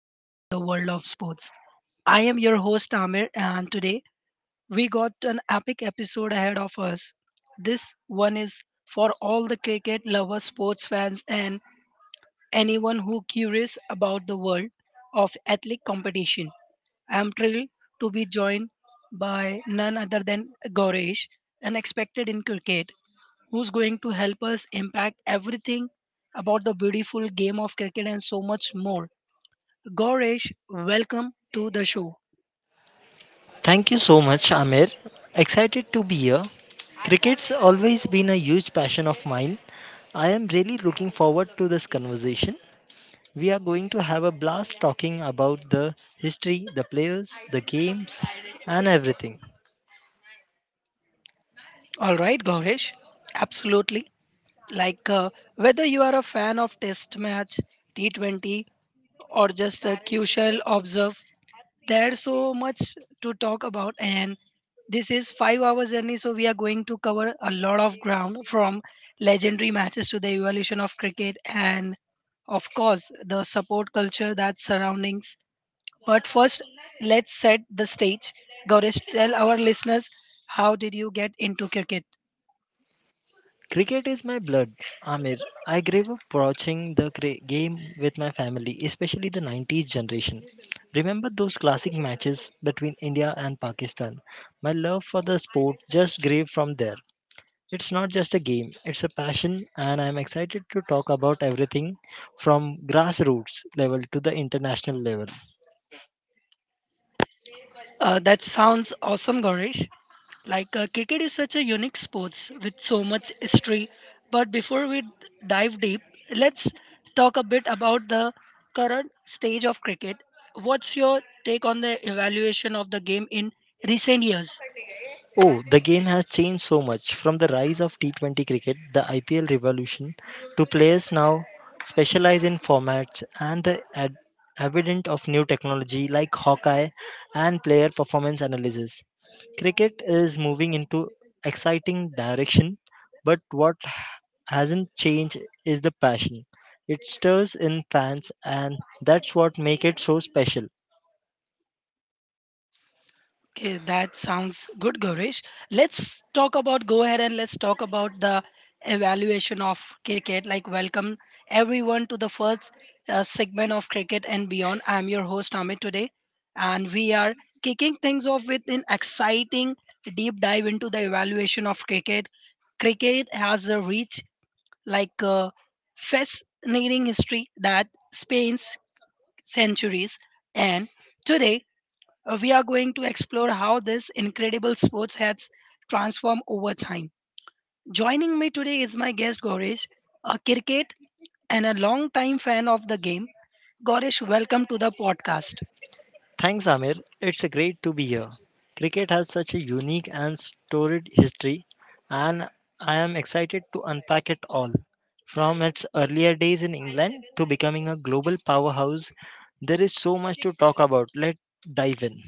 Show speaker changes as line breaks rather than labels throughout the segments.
Dive into the World of Sports. I am your host, Amir, and today we got an epic episode ahead of us. This one is for all the cricket lovers, sports fans, and anyone who curious about the world of athletic competition. I am thrilled to be joined by none other than Gaurish, an expert in cricket who's going to help us impact everything about the beautiful game of cricket and so much more. Goresh, welcome to the show.
Thank you so much, Amir. Excited to be here. Cricket's always been a huge passion of mine. I am really looking forward to this conversation. We are going to have a blast talking about the history, the players, the games, and everything.
All right, Goresh, absolutely. Like uh, Whether you are a fan of Test match, T20, or just a casual observer, there's so much to talk about, and this is 5 hours journey, so we are going to cover a lot of ground from legendary matches to the evolution of cricket and, of course, the support culture that surroundings. But first, let's set the stage. Gaurish, tell our listeners, how did you get into cricket?
Cricket is my blood, Amir. I grew up watching the game with my family, especially the 90s generation. Remember those classic matches between India and Pakistan? My love for the sport just grew from there. It's not just a game, it's a passion, and I'm excited to talk about everything from grassroots level to the international level.
That sounds awesome, Gaurish. Cricket is such a unique sports with so much history. But before we dive deep, let's talk a bit about the current stage of cricket. What's your take on the evaluation of the game in recent years?
Oh, the game has changed so much from the rise of T20 cricket, the IPL revolution, to players now specialize in formats and the evident of new technology like Hawkeye and player performance analysis. Cricket is moving into exciting direction, but what hasn't changed is the passion. It stirs in fans and that's what makes it so special.
Okay, that sounds good, Gaurish. Let's talk about go ahead and let's talk about the evaluation of cricket. Like, welcome everyone to the first segment of Cricket and Beyond. I'm your host, Amit, today, and we are kicking things off with an exciting deep dive into the evaluation of cricket. Cricket has a rich, like, uh, fascinating history that spans centuries, and today we are going to explore how this incredible sports has transformed over time. Joining me today is my guest Goresh, a cricket and a long-time fan of the game. Goresh, welcome to the podcast.
Thanks, Amir. It's a great to be here. Cricket has such a unique and storied history, and I am excited to unpack it all. From its earlier days in England to becoming a global powerhouse, there is so much to talk about. Let's dive in.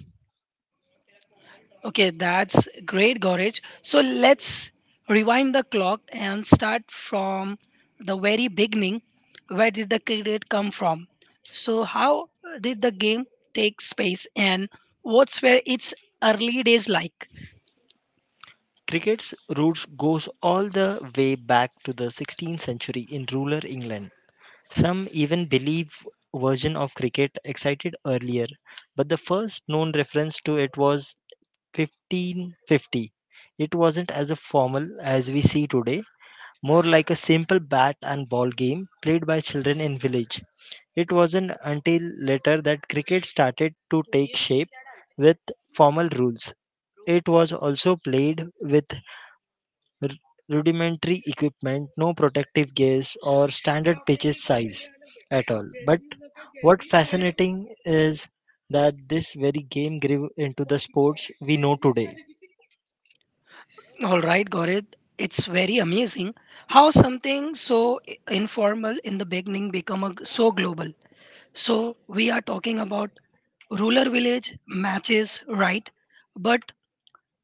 Okay, that's great, Goresh. So let's rewind the clock and start from the very beginning. Where did the cricket come from? So, how did the game take space and what's were its early days like?
Cricket's roots goes all the way back to the 16th century in rural England. Some even believe version of cricket excited earlier, but the first known reference to it was 1550. It wasn't as a formal as we see today, more like a simple bat and ball game played by children in village. It wasn't until later that cricket started to take shape with formal rules. It was also played with r- rudimentary equipment, no protective gears or standard pitches size at all. But what fascinating is that this very game grew into the sports we know today.
All right, Gaurav, it's very amazing how something so informal in the beginning become a, so global. So we are talking about ruler village matches, right? But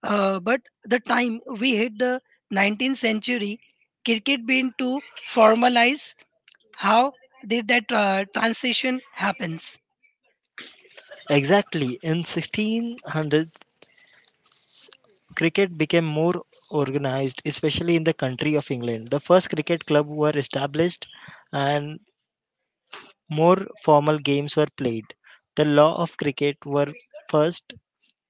but the time we hit the 19th century, cricket began to formalize. How did that transition happens?
Exactly. In 1600s, cricket became more organized, especially in the country of England. The first cricket club were established and more formal games were played. The law of cricket were first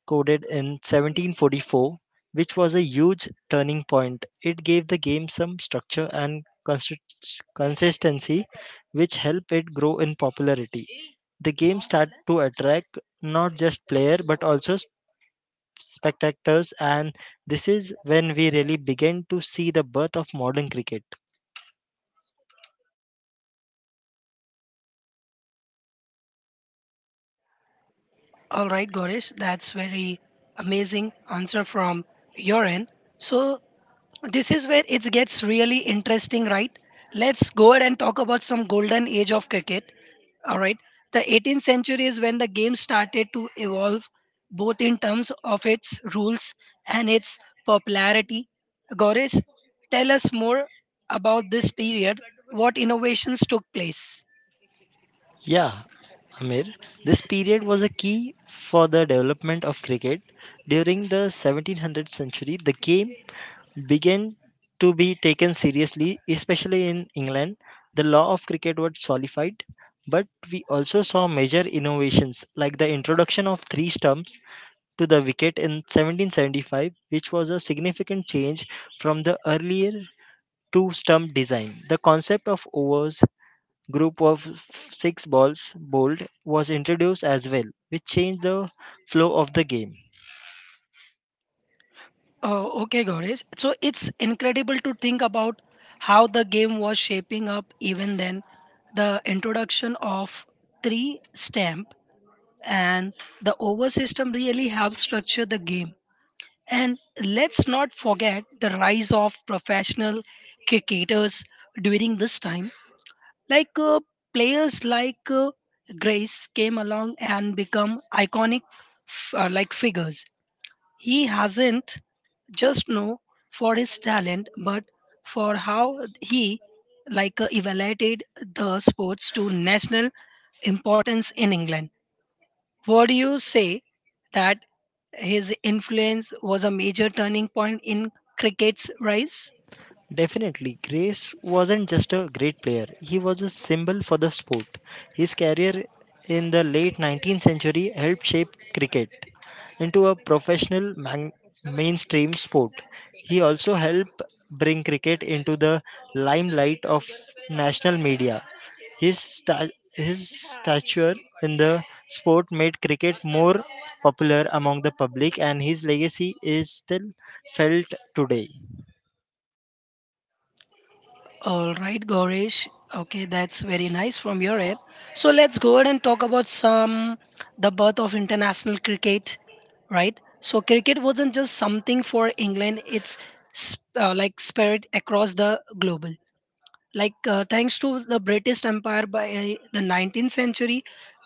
coded in 1744, which was a huge turning point. It gave the game some structure and consistency, which helped it grow in popularity. The game started to attract not just player but also spectators, and this is when we really began to see the birth of modern cricket.
All right, Gaurish, that's very amazing answer from your end. So this is where it gets really interesting, right? Let's go ahead and talk about some golden age of cricket. All right, the 18th century is when the game started to evolve both in terms of its rules and its popularity. Goresh, tell us more about this period. What innovations took place?
Yeah, Amir, this period was a key for the development of cricket. During the 1700th century, the game began to be taken seriously, especially in England. The law of cricket was solidified, but we also saw major innovations like the introduction of three stumps to the wicket in 1775, which was a significant change from the earlier two stump design. The concept of overs, group of six balls bowled, was introduced as well, which changed the flow of the game.
Oh, okay, Gaurish. So it's incredible to think about how the game was shaping up even then. The introduction of three stamp and the over system really helps structure the game. And let's not forget the rise of professional cricketers during this time. Like uh, Players like Grace came along and become iconic like figures. He hasn't just known for his talent, but for how he evaluated the sports to national importance in England. What do you say that his influence was a major turning point in cricket's rise?
Definitely, Grace wasn't just a great player, he was a symbol for the sport. His career in the late 19th century helped shape cricket into a mainstream sport. He also helped bring cricket into the limelight of national media. His stature in the sport made cricket more popular among the public, and his legacy is still felt today.
All right, Gaurish. Okay, that's very nice from your end. So let's go ahead and talk about some the birth of international cricket, right? So cricket wasn't just something for England; it's like spread across the global. Thanks to the British empire by the 19th century,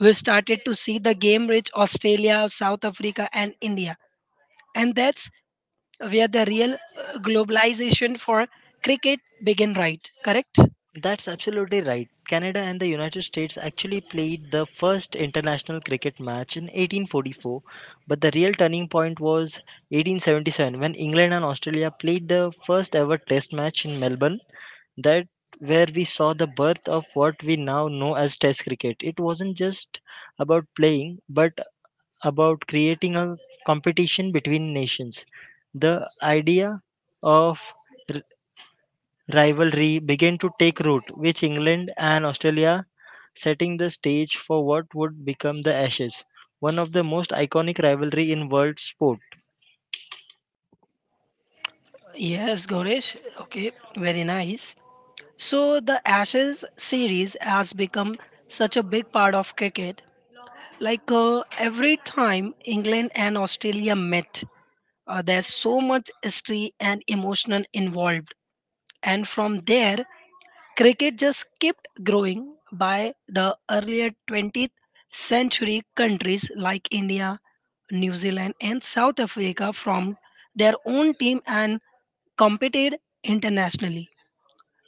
we started to see the game reach Australia, South Africa and India, and that's where the real globalization for cricket began, right? Correct?
That's absolutely right. Canada and the United States actually played the first international cricket match in 1844, but the real turning point was 1877 when England and Australia played the first ever test match in Melbourne. That where we saw the birth of what we now know as test cricket. It wasn't just about playing, but about creating a competition between nations. The idea of rivalry began to take root, with England and Australia setting the stage for what would become the Ashes, one of the most iconic rivalry in world sport.
Yes, Goresh, okay, very nice. So the Ashes series has become such a big part of cricket. Every time England and Australia met, there's so much history and emotional involved. And from there, cricket just kept growing. By the earlier 20th century, countries like India, New Zealand, and South Africa formed their own team and competed internationally.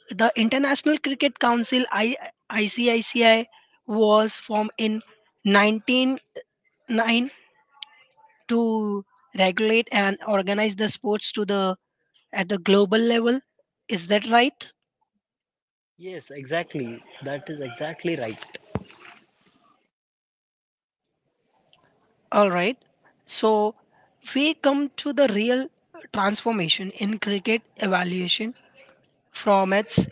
The International Cricket Council ICICI was formed in 1909 to regulate and organize the sports to the at the global level. Is that right?
Yes, exactly. That is exactly right.
All right. So we come to the real transformation in cricket evaluation formats.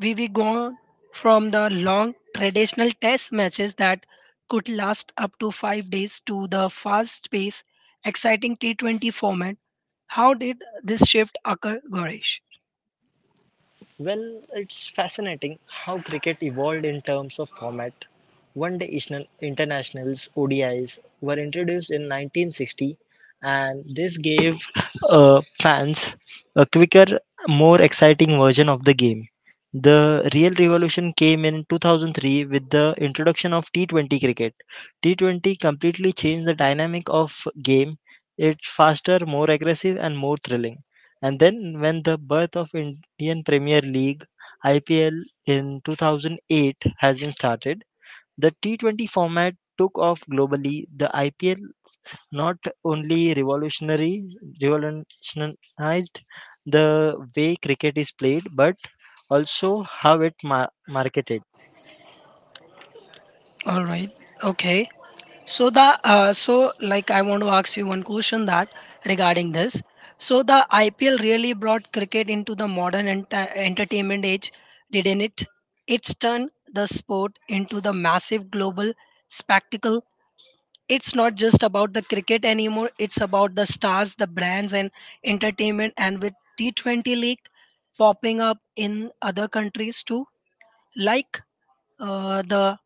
We gone from the long traditional test matches that could last up to 5 days to the fast paced exciting T20 format. How did this shift occur, Goresh?
Well, it's fascinating how cricket evolved in terms of format. One day internationals, ODIs, were introduced in 1960, and this gave fans a quicker, more exciting version of the game. The real revolution came in 2003 with the introduction of T20 cricket. T20 completely changed the dynamic of game. It's faster, more aggressive, and more thrilling. And then when the birth of Indian Premier League IPL in 2008 has been started, the T20 format took off globally. The IPL not only revolutionary revolutionized the way cricket is played but also how it marketed.
All right. Okay. So the so like I want to ask you one question that regarding this. So the IPL really brought cricket into the modern entertainment age, didn't it? It's turned the sport into the massive global spectacle. It's not just about the cricket anymore. It's about the stars, the brands, and entertainment. And with T20 League popping up in other countries too, like the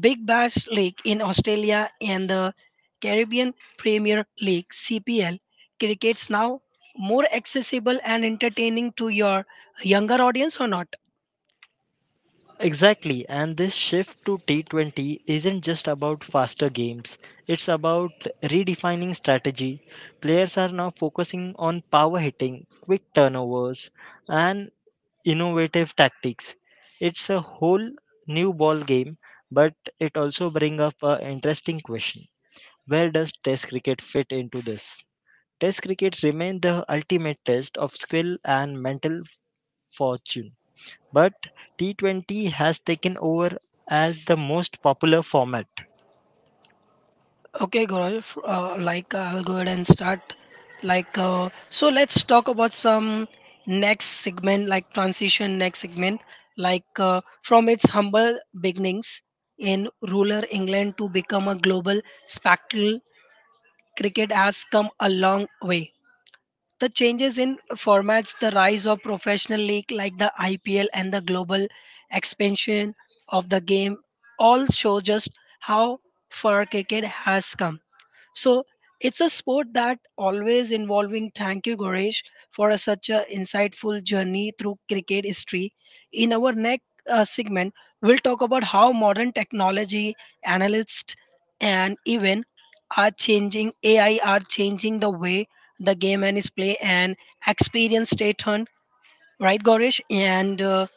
Big Bash League in Australia and the Caribbean Premier League CPL, cricket's now more accessible and entertaining to your younger audience or not?
Exactly, and this shift to T20 isn't just about faster games, it's about redefining strategy. Players are now focusing on power hitting, quick turnovers, and innovative tactics. It's a whole new ball game, but it also brings up an interesting question. Where does Test cricket fit into this? Test cricket remains the ultimate test of skill and mental fortune but T20 has taken over as the most popular format.
Okay, Gaurav, I'll go ahead and start. Like, so let's talk about some next segment, like transition next segment, from its humble beginnings in rural England to become a global spectacle, cricket has come a long way. The changes in formats, the rise of professional league like the IPL and the global expansion of the game all show just how far cricket has come. So it's a sport that always involving. Thank you, Goresh, for a, such a insightful journey through cricket history. In our next segment, we'll talk about how modern technology, analysts, and even are changing AI are changing the way the game and is play and experience stay turned. Right, Goresh, and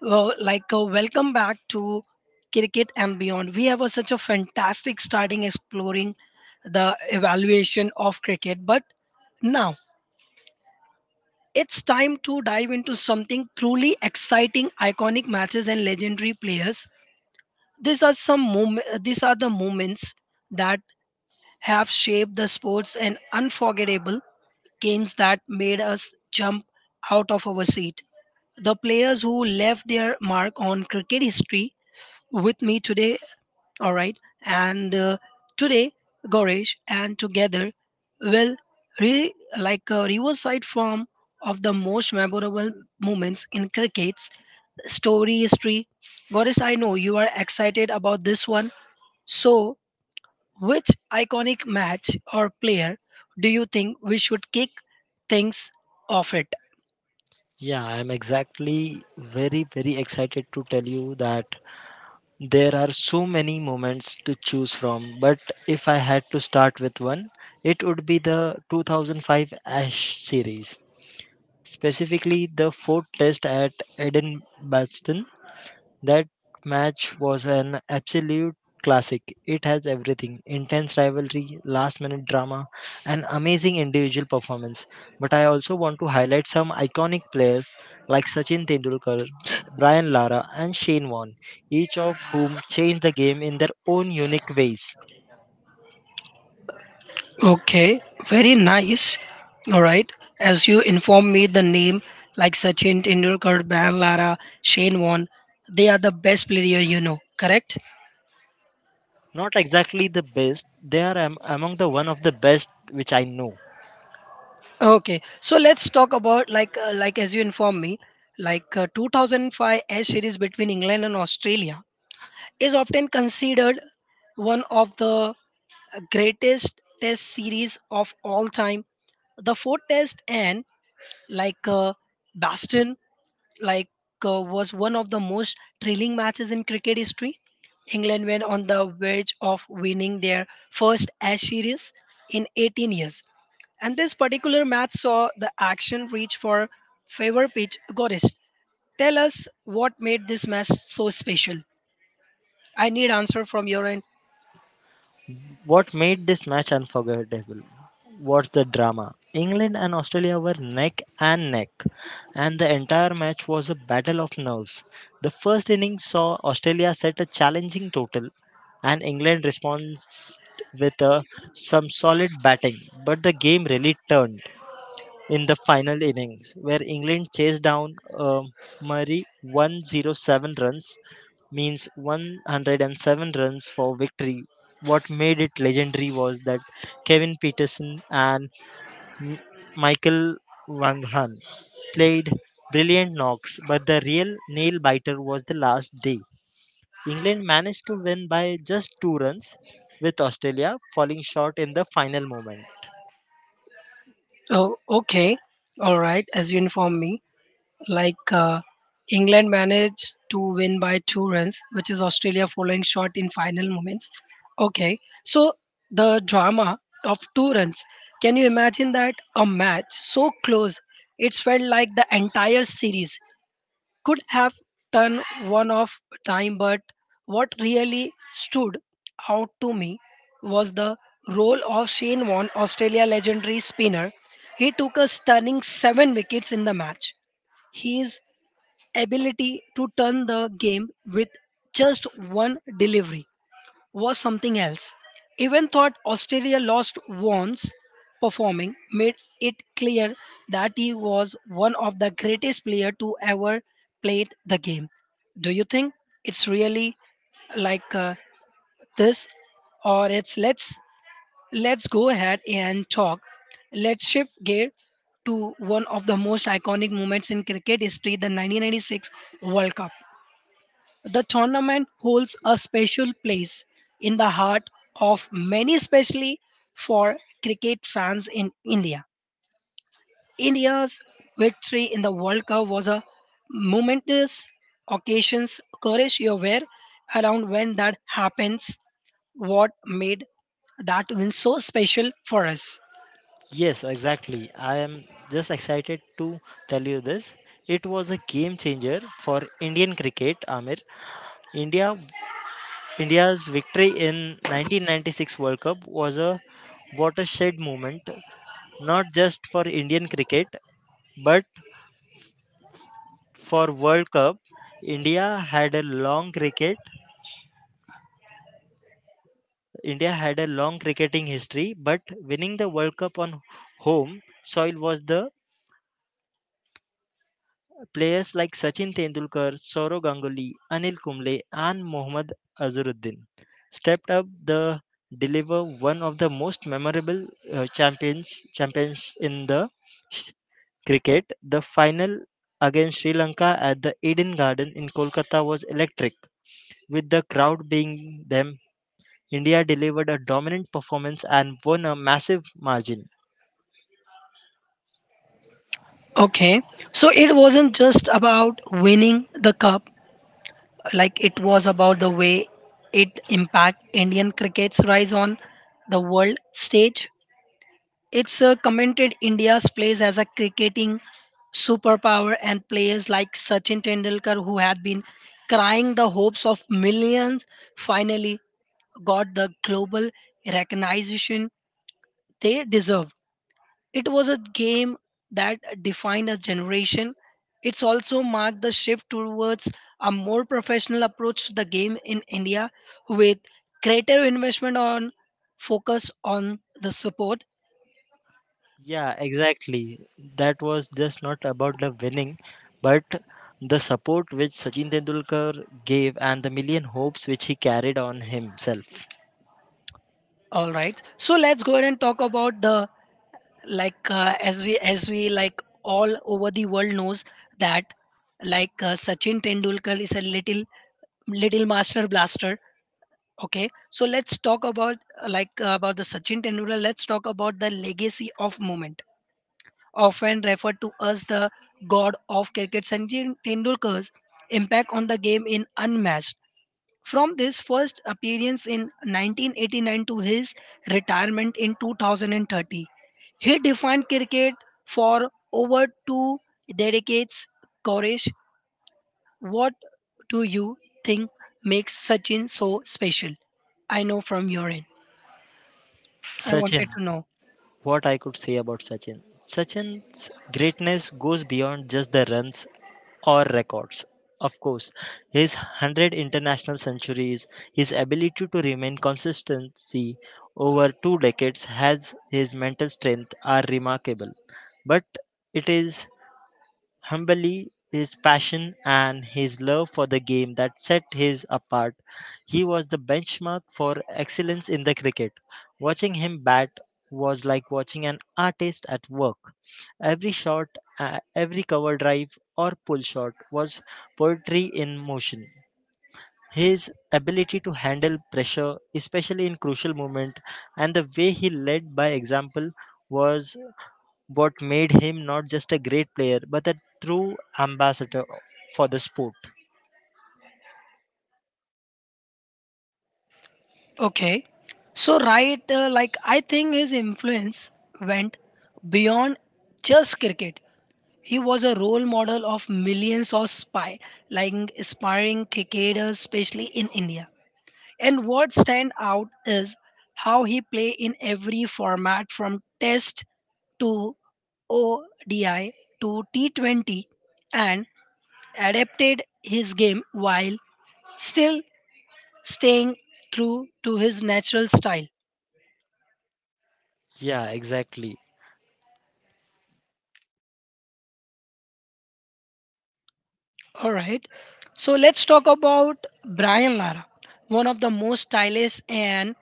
well, like welcome back to cricket and beyond. We have a, such a fantastic starting exploring the evaluation of cricket, but now it's time to dive into something truly exciting, iconic matches and legendary players. These are the moments that have shaped the sports and unforgettable games that made us jump out of our seat, the players who left their mark on cricket history with me today. All right. And Today, Goresh and together will reverse side form of the most memorable moments in cricket's story history. Goresh, I know you are excited about this one. So, which iconic match or player do you think we should kick things off it?
Yeah, I'm exactly very, very excited to tell you that there are so many moments to choose from. But if I had to start with one, it would be the 2005 Ash series, specifically the fourth test at Eden. That match was an absolute classic. It has everything intense rivalry, last minute drama, and amazing individual performance. But I also want to highlight some iconic players like Sachin Tendulkar, Brian Lara, and Shane Warne, each of whom changed the game in their own unique ways.
Okay, very nice. All right. As you inform me the name like Sachin Tendulkar, Brian Lara, Shane Warne, they are the best player, you know, correct?
Not exactly the best, they are among the one of the best which I know.
Okay. So let's talk about like as you inform me, 2005 S series between England and Australia is often considered one of the greatest test series of all time. The fourth test and like uh, Baston like was one of the most thrilling matches in cricket history. England were on the verge of winning their first Ash series in 18 years. And this particular match saw the action reach for favor pitch goddess. Tell us what made this match so special. I need answer from your end.
What made this match unforgettable was the drama. England and Australia were neck and neck, and the entire match was a battle of nerves. The first inning saw Australia set a challenging total, and England responds with some solid batting. But the game really turned in the final innings, where England chased down Murray 107 runs means 107 runs for victory. What made it legendary was that Kevin Peterson and M- Michael Van Hahn played brilliant knocks, but the real nail biter was the last day. England managed to win by just two runs, with Australia falling short in the final moment.
Oh, okay. All right, as you inform me. like uh, England managed to win by two runs, which is Australia following short in final moments. Okay, so the drama of two runs. Can you imagine that a match so close? It felt like the entire series could have turned one off time, but what really stood out to me was the role of Shane Warne, Australia legendary spinner. He took a stunning seven wickets in the match. His ability to turn the game with just one delivery was something else. Even though Australia lost once performing made it clear that he was one of the greatest player to ever played the game. Do you think it's really like this or it's let's go ahead and talk. Let's shift gear to one of the most iconic moments in cricket history, the 1996 World Cup. The tournament holds a special place in the heart of many, especially for cricket fans in India. India's victory in the World Cup was a momentous occasion. Courage, you're aware around when that happens, what made that win so special for us?
Yes, exactly. I am just excited to tell you this. It was a game changer for Indian cricket, Amir. India India's victory in 1996 World Cup was a watershed moment not just for Indian cricket but for World Cup. India had a long cricket India had a long cricketing history but winning the World Cup on home soil was the players like Sachin Tendulkar, Sourav Ganguly, Anil Kumble and Mohammad Azharuddin stepped up the deliver one of the most memorable champions in the Cricket, the final against Sri Lanka at the Eden Garden in Kolkata was electric, with the crowd being them. India delivered a dominant performance and won a massive margin.
Okay. So it wasn't just about winning the cup, like it was about the way it impact Indian cricket's rise on the world stage. It's commented India's place as a cricketing superpower and players like Sachin Tendulkar who had been crying the hopes of millions finally got the global recognition they deserve. It was a game that defined a generation. It's also marked the shift towards a more professional approach to the game in India with greater investment on focus on the support.
Yeah, exactly. That was just not about the winning, but the support which Sachin Tendulkar gave and the million hopes which he carried on himself.
All right. So let's go ahead and talk about the like as we like all over the world knows that Sachin Tendulkar is a little master blaster. Okay, so let's talk about about the Sachin Tendulkar. Let's talk about the legacy of moment, often referred to as the god of cricket. Sachin Tendulkar's impact on the game in unmatched. From this first appearance in 1989 to his retirement in 2030, he defined cricket for over two decades. Koresh, what do you think makes Sachin so special? I know from your end. I
Sachin,
wanted to know.
what I could say about Sachin. Sachin's greatness goes beyond just the runs or records. Of course, his 100 international centuries, his ability to remain consistency over two decades has his mental strength are remarkable. But it is humbly his passion and his love for the game that set his apart. He was the benchmark for excellence in the cricket. Watching him bat was like watching an artist at work. Every shot, every cover drive or pull shot was poetry in motion. His ability to handle pressure, especially in crucial moments, and the way he led by example was what made him not just a great player but a true ambassador for the sport.
Okay. So, right, like I think his influence went beyond just cricket. He was a role model of millions of spy, like aspiring cricketers, especially in India. And what stand out is how he play in every format from test to ODI to T20 and adapted his game while still staying true to his natural style.
Yeah, exactly.
All right. So let's talk about Brian Lara, one of the most stylish and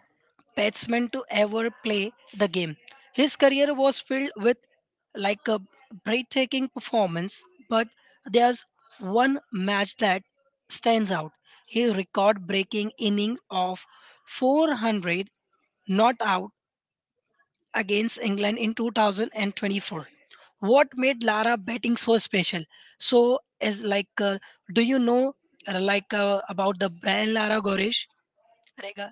batsmen to ever play the game. His career was filled with like a breathtaking performance, but there's one match that stands out. His record-breaking inning of 400 not against England in 2024. What made Lara batting so special? So, as do you know about the brand Lara Goresh, like, uh,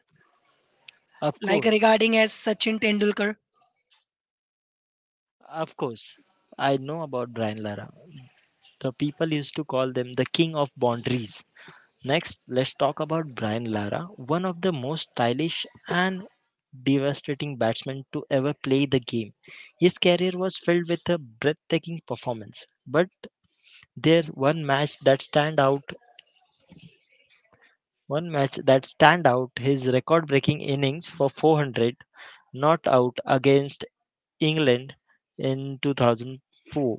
Of
like
course.
regarding as Sachin Tendulkar?
Of course. I know about Brian Lara. The people used to call them the king of boundaries. Next, let's talk about Brian Lara, one of the most stylish and devastating batsmen to ever play the game. His career was filled with a breathtaking performance, but there one match that stand out, one match that stand out his record-breaking innings for 400 not out against England in 2004.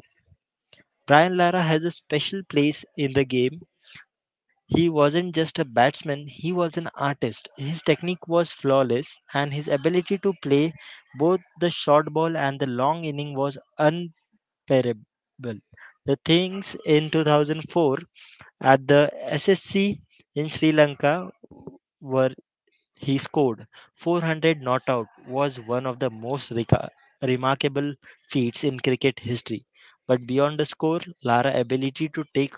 Brian Lara has a special place in the game. He wasn't just a batsman, he was an artist. His technique was flawless, and his ability to play both the short ball and the long inning was unparable. The things in 2004 at the SSC in Sri Lanka were he scored 400 not out was one of the most remarkable feats in cricket history. But beyond the score, Lara's ability to take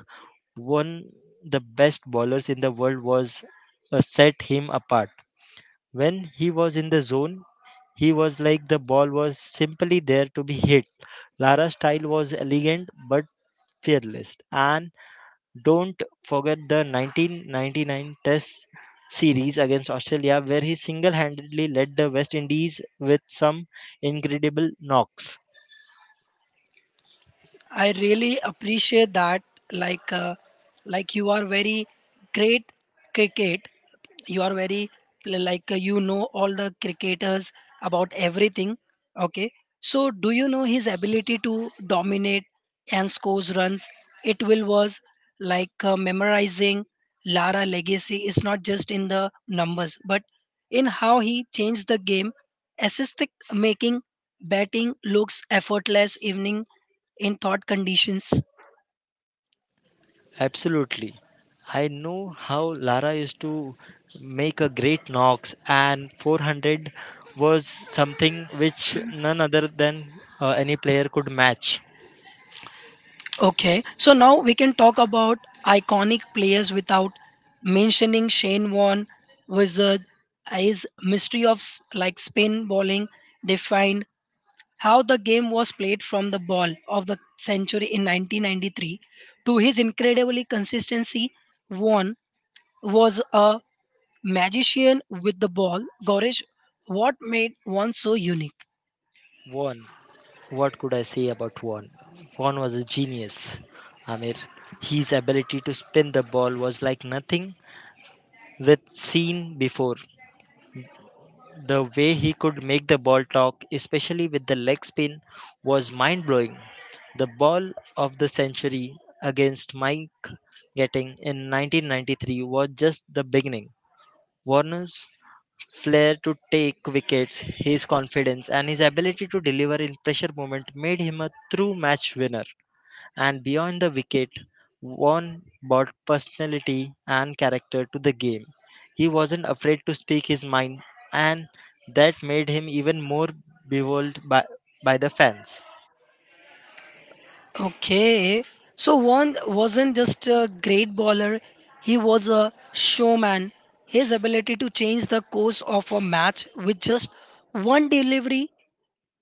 one the best bowlers in the world was set him apart. When he was in the zone he was like the ball was simply there to be hit. Lara's style was elegant but fearless, and don't forget the 1999 test series against Australia where he single-handedly led the West Indies with some incredible knocks.
I really appreciate that. Like, uh, like you are very great cricket. You are very you know all the cricketers about everything. Okay. So, do you know his ability to dominate and scores runs? It will was memorizing. Lara legacy is not just in the numbers, but in how he changed the game. Assist making batting looks effortless evening in thought conditions.
Absolutely. I know how Lara used to make a great knocks, and 400 was something which none other than any player could match.
Okay, so now we can talk about iconic players without mentioning Shane Warne, Wizard. His mystery of spin bowling defined how the game was played from the ball of the century in 1993 to his incredibly consistency. Warne was a magician with the ball. Goresh, what made Warne so unique?
One, what could I say about One? One was a genius, Amir. His ability to spin the ball was like nothing with seen before. The way he could make the ball talk, especially with the leg spin, was mind blowing. The ball of the century against Mike Getting in 1993 was just the beginning. Warner's flair to take wickets, his confidence, and his ability to deliver in pressure moments made him a true match winner, and beyond the wicket, Vaughan brought personality and character to the game. He wasn't afraid to speak his mind, and that made him even more beloved by the fans.
Okay. So Vaughn wasn't just a great bowler, he was a showman. His ability to change the course of a match with just one delivery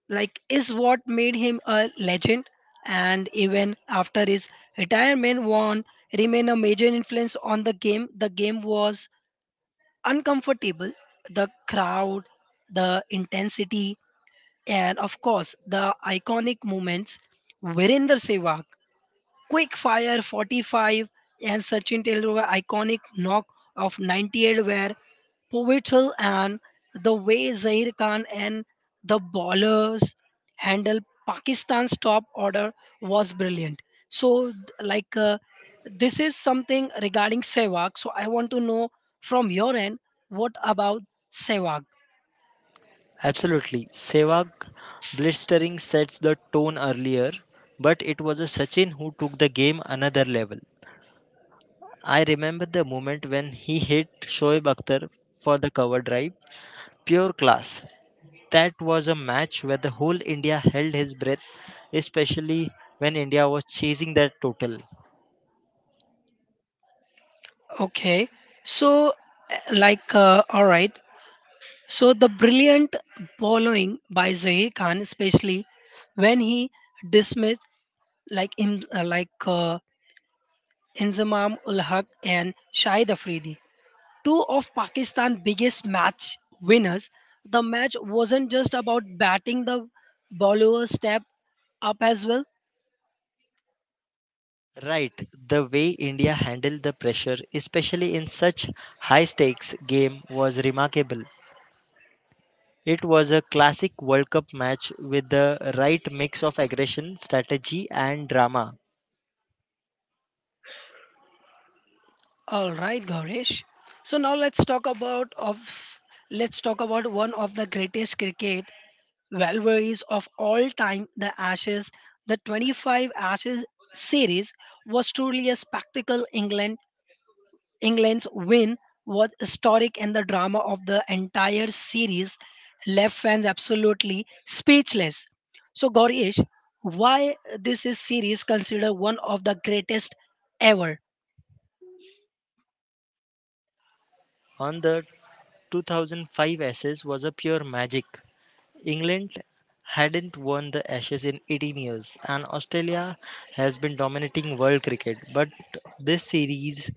like is what made him a legend, and even after his retirement Vaughn remained a major influence on the game. The game was uncomfortable, the crowd, the intensity, and of course the iconic moments. Virender Sehwag Quick Fire 45 and Sachin Tendulkar iconic knock of 98 were pivotal, and the way Zair Khan and the bowlers handled Pakistan's top order was brilliant. So like uh, this is something regarding Sehwag. So I want to know from your end, what about Sehwag?
Absolutely. Sehwag blistering sets the tone earlier, but it was a Sachin who took the game another level. I remember the moment when he hit Shoaib Akhtar for the cover drive. Pure class. That was a match where the whole India held his breath, especially when India was chasing their total.
Okay. So all right, so the brilliant bowling by Zahi Khan, especially when he dismissed like Im, like Inzamam ul Haq and Shahid Afridi, two of Pakistan's biggest match winners. The match wasn't just about batting; the bowler step up as well.
Right, the way India handled the pressure, especially in such high stakes game, was remarkable. It was a classic World Cup match with the right mix of aggression, strategy, and drama.
All right, Gaurish. So now let's talk about one of the greatest cricket Valverie's of all time, the Ashes, the 25 Ashes series was truly a spectacle. England's win was historic, and the drama of the entire series left fans absolutely speechless. So, Gaurish, why this is series considered one of the greatest ever?
On the 2005 SS was a pure magic. England hadn't won the Ashes in 18 years, and Australia has been dominating world cricket. But this series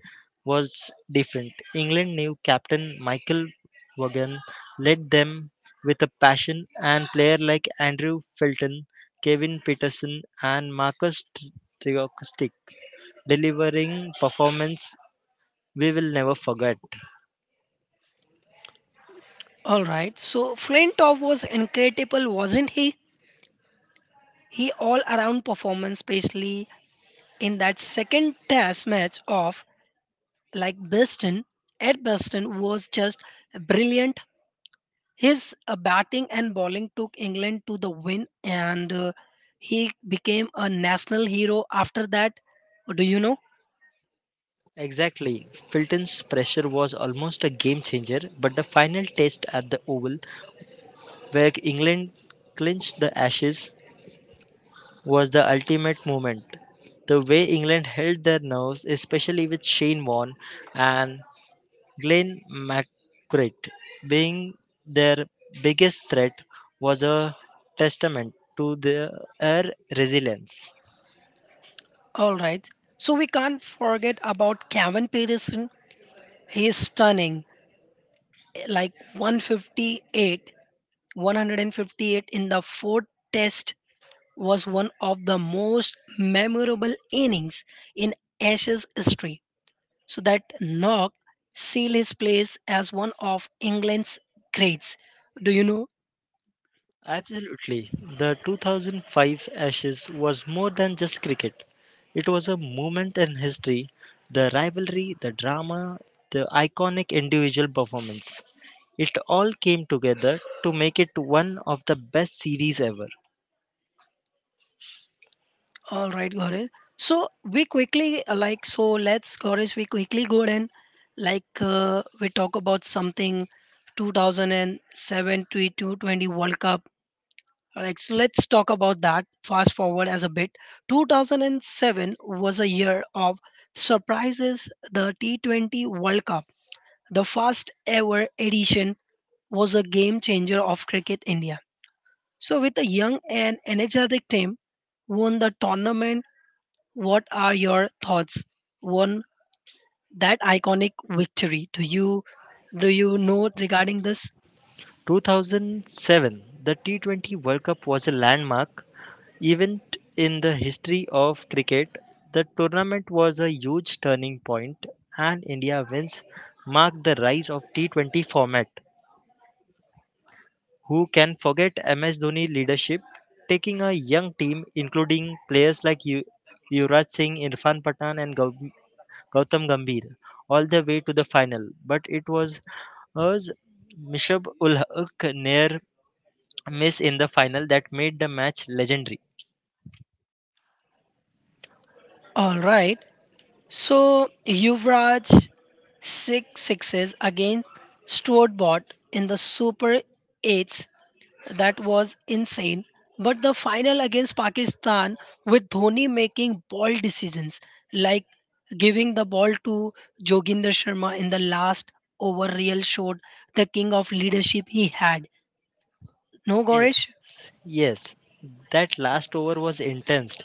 was different. England new captain Michael Vaughan led them with a passion, and players like Andrew Felton, Kevin Peterson, and Marcus Trigorstic delivering performance we will never forget.
All right. So Flintoff was incredible, wasn't he? He all around performance, especially in that second test match of like Beston, Ed Beston was just brilliant. His batting and bowling took England to the win, and he became a national hero after that. Do you know?
Exactly. Filton's pressure was almost a game changer, but the final test at the Oval where England clinched the Ashes was the ultimate moment. The way England held their nerves, especially with Shane Warne and Glenn McGrath being their biggest threat, was a testament to their resilience.
All right. So we can't forget about Kevin Peterson. He is stunning, like 158 in the fourth test was one of the most memorable innings in Ashes history. So that Knox seal his place as one of England's greats. Do you know?
Absolutely. The 2005 Ashes was more than just cricket. It was a moment in history, the rivalry, the drama, the iconic individual performance. It all came together to make it one of the best series ever.
All right, Gaurav. So we quickly like so let's we quickly go and we talk about something 2007 to 2020 World Cup. All right, so let's talk about that. Fast forward as a bit. 2007 was a year of surprises. The T20 World Cup, the first ever edition, was a game changer of Cricket India. So, with a young and energetic team, won the tournament. What are your thoughts? Won that iconic victory? Do you know regarding this?
2007, the T20 World Cup was a landmark event in the history of cricket. The tournament was a huge turning point, and India wins marked the rise of T20 format. Who can forget MS Dhoni leadership, taking a young team including players like Yuvraj Singh, Irfan Pathan, and Gautam Gambhir all the way to the final. But it was was Mishab ul Haq near miss in the final that made the match legendary.
All right. So Yuvraj six sixes against Stuart Bott in the Super Eights, that was insane. But the final against Pakistan with Dhoni making ball decisions like giving the ball to Joginder Sharma in the last over real showed the king of leadership he had. No,
Yes,
Goresh?
yes, that last over was intense,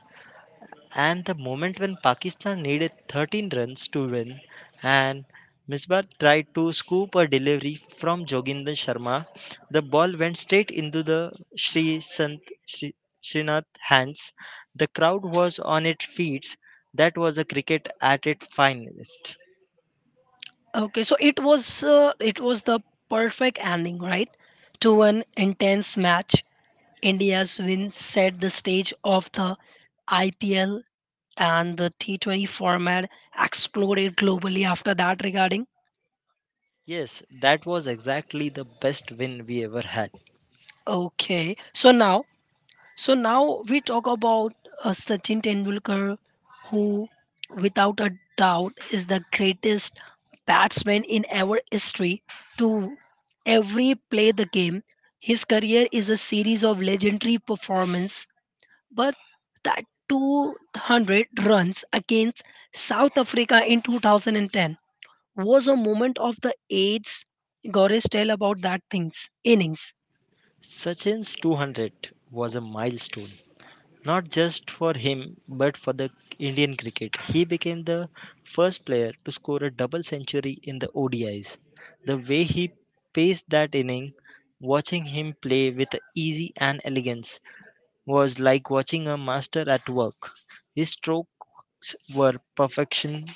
and the moment when Pakistan needed 13 runs to win, and Misbah tried to scoop a delivery from Joginder Sharma, the ball went straight into the Sri, Srinath hands. The crowd was on its feet. That was a cricket at its finest.
Okay, so it was the perfect ending, right? To an intense match. India's win set the stage of the IPL, and the T20 format exploded globally after that regarding.
Yes, that was exactly the best win we ever had.
Okay. So now we talk about Sachin Tendulkar, who, without a doubt, is the greatest batsman in our history to every play the game. His career is a series of legendary performance, but that 200 runs against South Africa in 2010 was a moment of the age. Goresh, tell about that things innings.
Sachin's 200 was a milestone, not just for him but for the Indian cricket. He became the first player to score a double century in the ODIs. The way he paced that inning, watching him play with ease and elegance, was like watching a master at work. His strokes were perfection.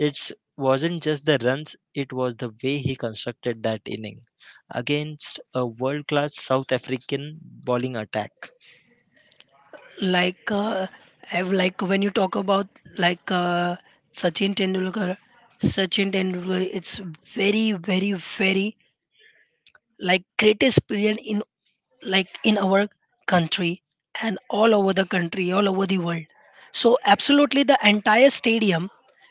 It wasn't just the runs, it was the way he constructed that inning against a world class South African bowling attack.
like uh, when you talk about like uh, Sachin Tendulkar, Sachin Tendulkar, it's very like greatest player in like in our country, and all over the country, all over the world. So absolutely the entire stadium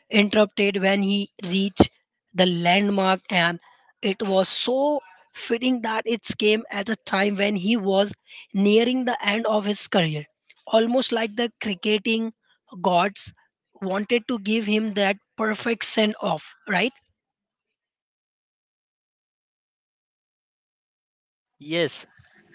interrupted when he reached the landmark, and it was so fitting that it came at a time when he was nearing the end of his career. Almost like the cricketing gods wanted to give him that perfect send off, right?
Yes,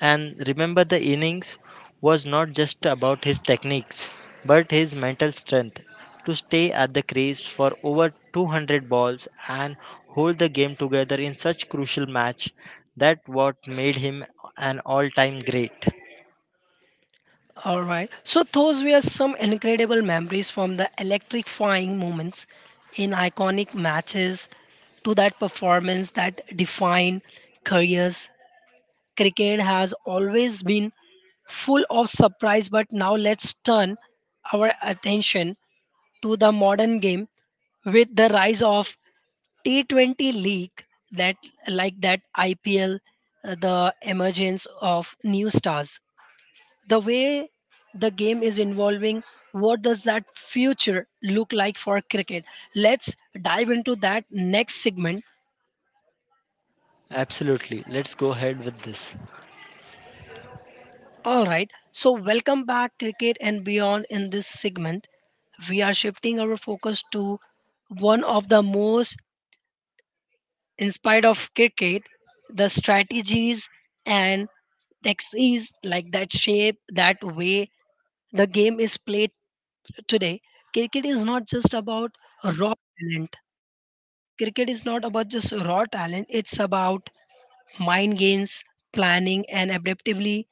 and remember the innings was not just about his techniques but his mental strength to stay at the crease for over 200 balls and hold the game together in such crucial match, that what made him an all-time great.
All right. So those were some incredible memories, from the electrifying moments in iconic matches to that performance that defined careers. Cricket has always been full of surprise, but now let's turn our attention to the modern game. With the rise of T20 league, that that IPL, the emergence of new stars, the way the game is evolving, what does that future look like for cricket? Let's dive into that next segment.
Absolutely. Let's go ahead with this.
All right. So, welcome back, cricket and beyond. In this segment, we are shifting our focus to one of the most, in spite of cricket, the strategies and techniques like that shape, that way the game is played today. Cricket is not just about raw talent. Cricket is not about just raw talent, it's about mind games, planning, and adaptability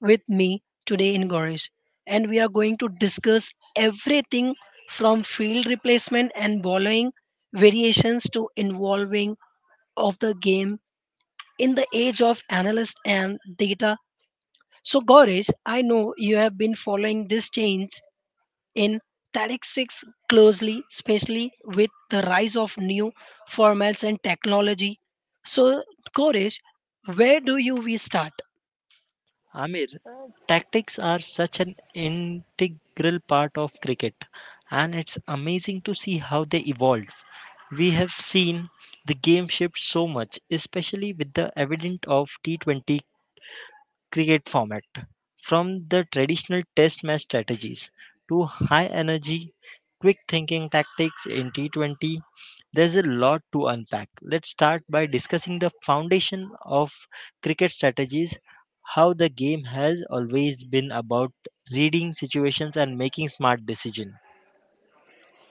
with me today in Gorish. And we are going to discuss everything from field replacement and bowling variations to involving of the game in the age of analyst and data. So Gorish, I know you have been following this change in statistics closely, especially with the rise of new formats and technology. So, Koresh, where do you we start?
Amir, tactics are such an integral part of cricket, and it's amazing to see how they evolve. We have seen the game shift so much, especially with the advent of T20 cricket format, from the traditional test match strategies to high energy, quick thinking tactics in T20. There's a lot to unpack. Let's start by discussing the foundation of cricket strategies, how the game has always been about reading situations and making smart decisions.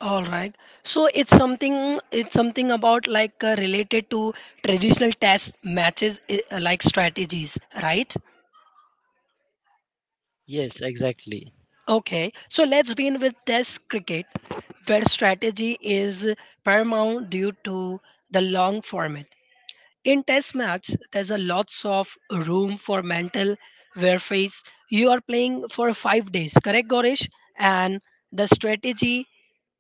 All right. So it's something about related to traditional test matches like strategies, right?
Yes, exactly.
Okay, so let's begin with test cricket, where strategy is paramount due to the long format. In test match, there's a lots of room for mental warfare. You are playing for 5 days, correct, Goresh? And the strategy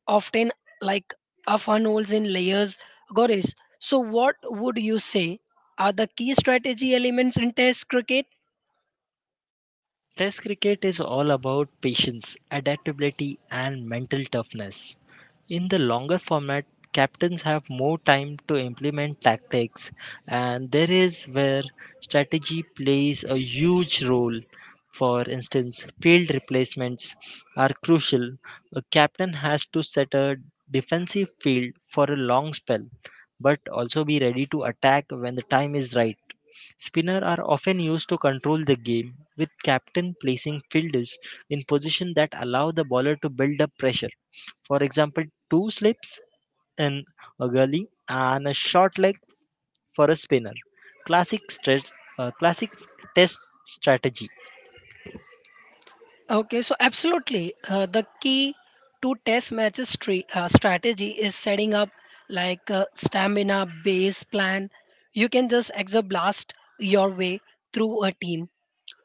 often like a funnels in layers, Goresh. So, what would you say are the key strategy elements in test cricket?
Test cricket is all about patience, adaptability, and mental toughness. In the longer format, captains have more time to implement tactics, and there is where strategy plays a huge role. For instance, field replacements are crucial. A captain has to set a defensive field for a long spell, but also be ready to attack when the time is right. Spinner are often used to control the game, with captain placing fielders in position that allow the bowler to build up pressure. For example, two slips in a gully and a short leg for a spinner. Classic stretch, classic test strategy.
Okay, so absolutely. The key to test matches strategy is setting up like a stamina base plan. You can just exoblast your way through a team.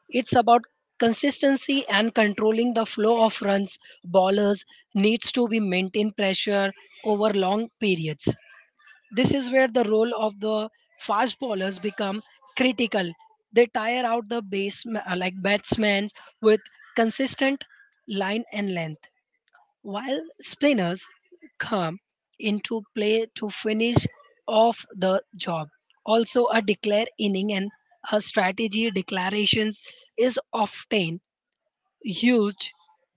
It's about consistency and controlling the flow of runs. Ballers needs to be maintain pressure over long periods. This is where the role of the fast bowlers become critical. They tire out the base like batsmen with consistent line and length, while spinners come into play to finish off the job. Also, a declare inning and a strategy declarations is often used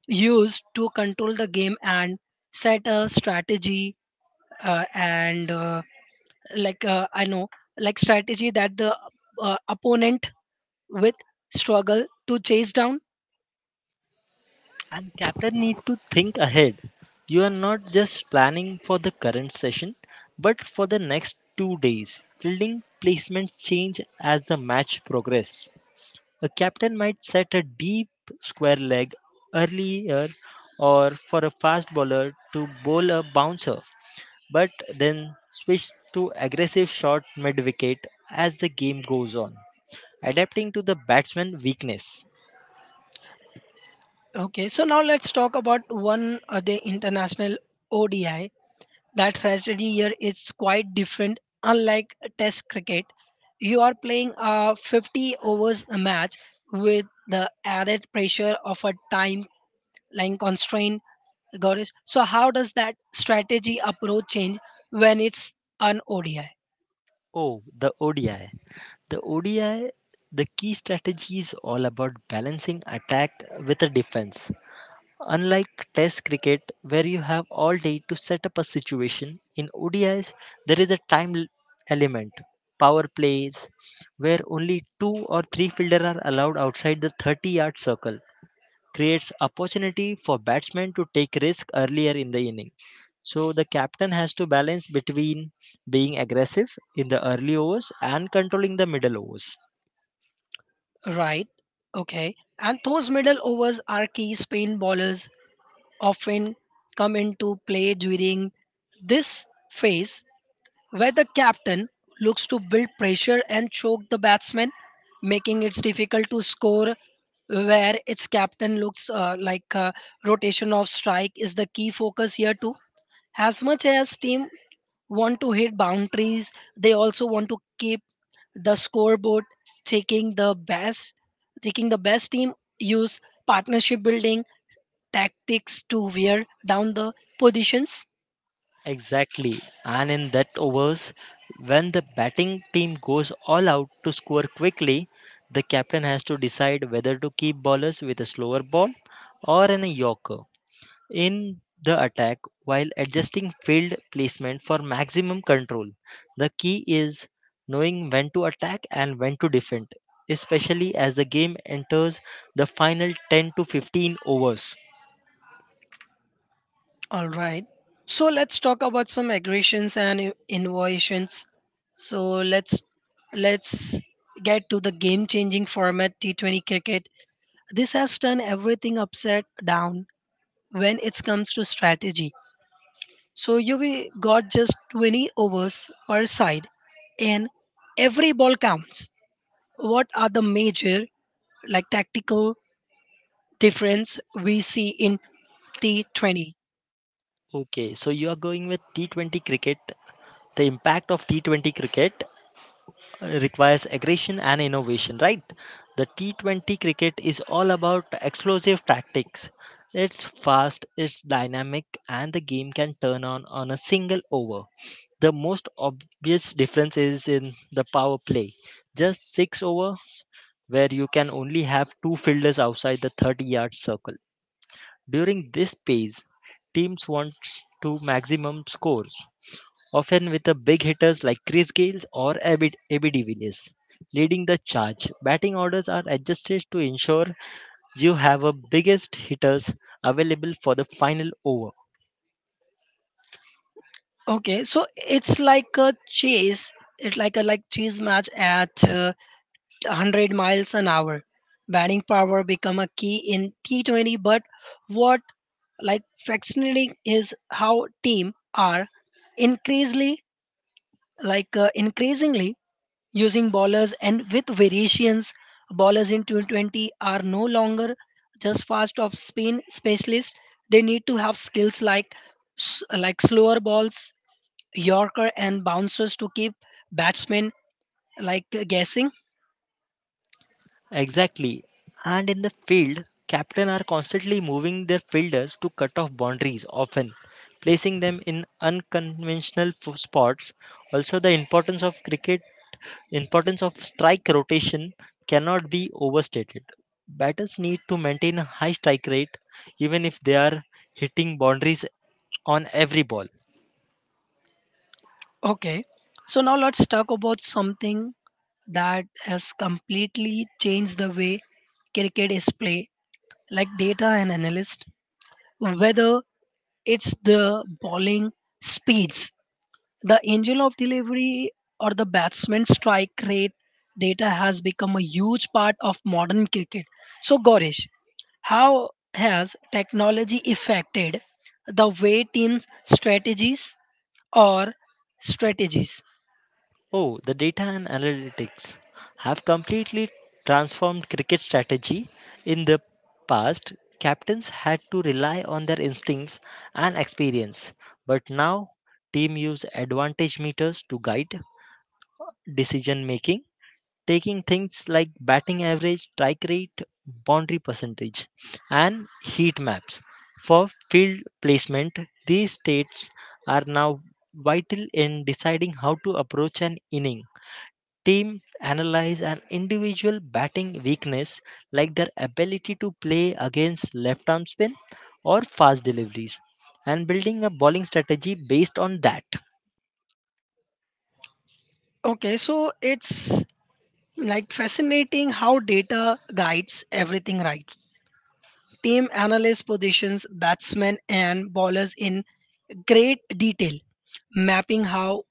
used to control the game and set a strategy and like I know, like strategy that the opponent with struggle to chase down.
And captain need to think ahead. You are not just planning for the current session, but for the next 2 days. Fielding placements change as the match progress. A captain might set a deep square leg earlier or for a fast bowler to bowl a bouncer, but then switch to aggressive shot mid wicket as the game goes on, adapting to the batsman's weakness.
Okay, so now let's talk about one day international ODI. That strategy here is quite different. Unlike Test cricket, you are playing a 50 overs match with the added pressure of a time line constraint. Gaurish. So how does that strategy approach change when it's an ODI?
Oh, the ODI. The ODI, the key strategy is all about balancing attack with a defense. Unlike Test cricket, where you have all day to set up a situation, in ODIs there is a element. Power plays, where only two or three fielders are allowed outside the 30-yard circle, creates opportunity for batsmen to take risk earlier in the inning. So the captain has to balance between being aggressive in the early overs and controlling the middle overs.
Right. Okay. And those middle overs are key. Spain bowlers often come into play during this phase where the captain looks to build pressure and choke the batsman, making it difficult to score. Where its captain looks rotation of strike is the key focus here too. As much as team want to hit boundaries, they also want to keep the scoreboard taking the best taking the best team use partnership building tactics to wear down the positions.
Exactly. And in that overs, when the batting team goes all out to score quickly, the captain has to decide whether to keep bowlers with a slower ball or in a yorker in the attack while adjusting field placement for maximum control. The key is knowing when to attack and when to defend, especially as the game enters the final 10 to 15 overs.
All right, so let's talk about some aggressions and innovations. So let's get to the game changing format T20 cricket. This has turned everything upside down when it comes to strategy. So you we got just 20 overs per side, and every ball counts. What are the major like tactical difference we see in T20?
Okay, so you are going with T20 cricket the impact of T20 cricket, requires aggression and innovation, right? The T20 cricket is all about explosive tactics. It's fast, it's dynamic, and the game can turn on a single over. The most obvious difference is in the power play. Just 6 over, where you can only have two fielders outside the 30-yard circle. During this phase, teams want to maximum score, often with the big hitters like Chris Gayle or Abby de Villiers leading the charge. Batting orders are adjusted to ensure you have a biggest hitters available for the final over.
Okay, so it's like a chase. It's like a chase match at 100 miles an hour. Batting power become a key in T20, but what like fascinating is how team are increasingly increasingly using bowlers and with variations. Bowlers in 2020 are no longer just fast off spin specialists. They need to have skills like slower balls, Yorker and bouncers to keep batsmen like guessing.
Exactly. And in the field, captain are constantly moving their fielders to cut off boundaries, often placing them in unconventional spots. Also the importance of strike rotation cannot be overstated. Batters need to maintain a high strike rate even if they are hitting boundaries on every ball.
Okay, so now let's talk about something that has completely changed the way cricket is played, like data and analyst, whether it's the bowling speeds, the angel of delivery or the batsman strike rate. Data has become a huge part of modern cricket. So, Gaurish, how has technology affected the way teams or strategies?
Oh, the data and analytics have completely transformed cricket strategy. In the past, captains had to rely on their instincts and experience, but now team use advantage meters to guide decision making, taking things like batting average, strike rate, boundary percentage, and heat maps for field placement. These states are now vital in deciding how to approach an inning. Team analyze an individual batting weakness like their ability to play against left arm spin or fast deliveries and building a bowling strategy based on that.
Okay, so it's like fascinating how data guides everything, right. Team analysts positions batsmen and bowlers in great detail, mapping how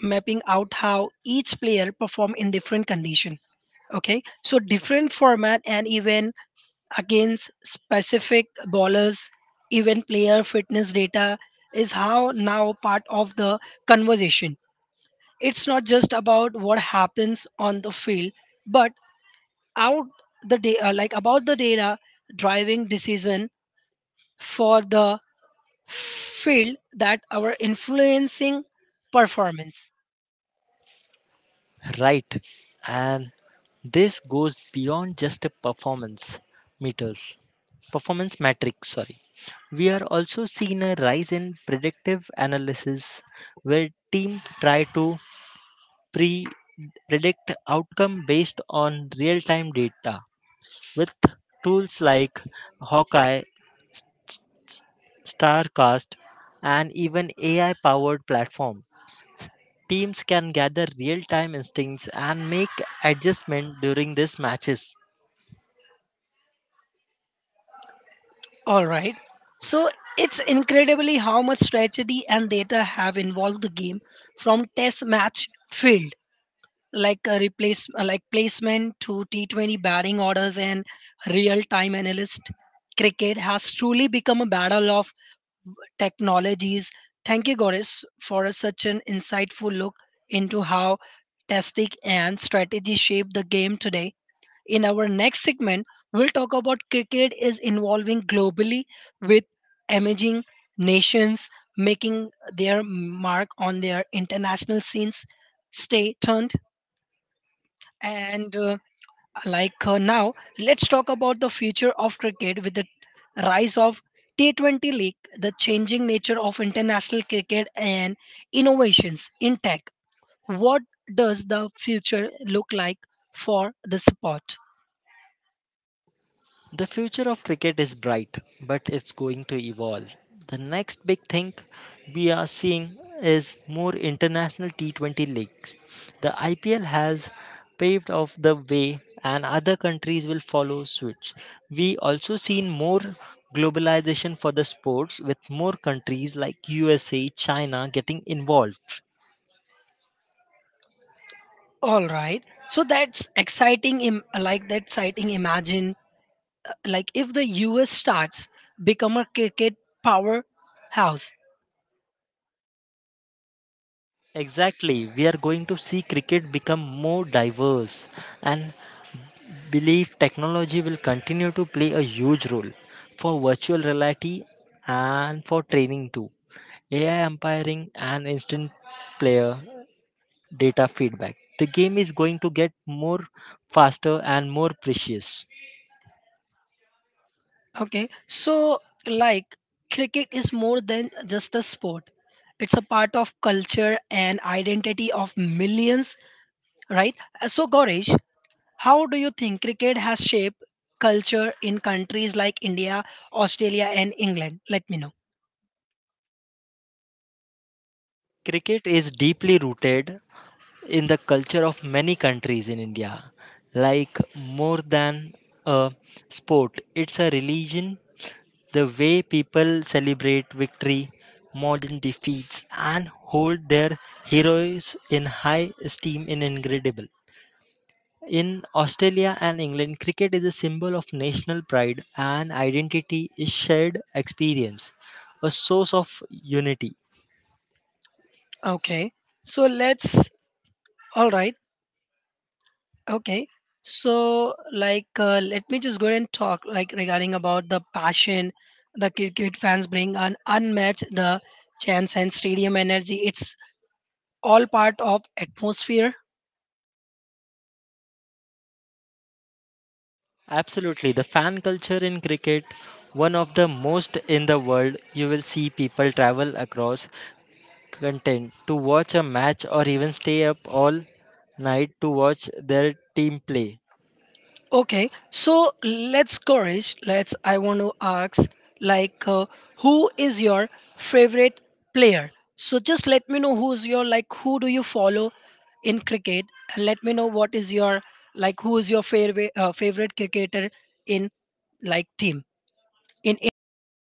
mapping out how each player perform in different condition. Okay, so different format and even against specific bowlers, even player fitness data is how now part of the conversation. It's not just about what happens on the field, but out the about the data driving decision for the field that are influencing performance.
Right. And this goes beyond just a meters, performance metrics. Sorry, we are also seeing a rise in predictive analysis, where teams try to pre predict outcome based on real-time data with tools like Hawkeye, S- S- Starcast, and even AI-powered platform. Teams can gather real-time instincts and make adjustment during these matches.
All right. So it's incredibly how much strategy and data have involved the game, from test match field like a replace like placement to T20 batting orders and real time analyst, cricket has truly become a battle of technologies. Thank you Goris for such an insightful look into how testing and strategy shape the game today. In our next segment, we'll talk about cricket is involving globally with emerging nations making their mark on their international scenes. Stay tuned. And now, let's talk about the future of cricket with the rise of T20 League, the changing nature of international cricket and innovations in tech. What does the future look like for the sport?
The future of cricket is bright, but it's going to evolve. The next big thing we are seeing is more international T20 leagues. The IPL has paved off the way and other countries will follow suit. We also seen more globalization for the sports with more countries like USA, China getting involved.
All right. So that's exciting. That exciting. Imagine like if the U.S. starts become a cricket powerhouse.
Exactly. We are going to see cricket become more diverse, and believe technology will continue to play a huge role for virtual reality and for training too. AI umpiring and instant player data feedback. The game is going to get more faster and more precious.
Okay. So like cricket is more than just a sport. It's a part of culture and identity of millions, right? So Gaurish, how do you think cricket has shaped culture in countries like India, Australia, and England? Let me know.
Cricket is deeply rooted in the culture of many countries in India. Like more than a sport, it's a religion. The way people celebrate victory, modern defeats, and hold their heroes in high esteem is incredible. In Australia and England, cricket is a symbol of national pride and identity, is shared experience, a source of unity.
Okay. So let's. All right. Okay. So, let me just go and talk, like, regarding about the passion the cricket fans bring and unmatched the chance and stadium energy. It's all part of atmosphere.
Absolutely. The fan culture in cricket, one of the most in the world, you will see people travel across content to watch a match or even stay up all night to watch their team play.
Okay, so let's Gorish, let's I want to ask like uh, who is your favorite player? So just let me know who's your like who do you follow in cricket, and let me know what is your like who is your favorite cricketer in like team in India's team.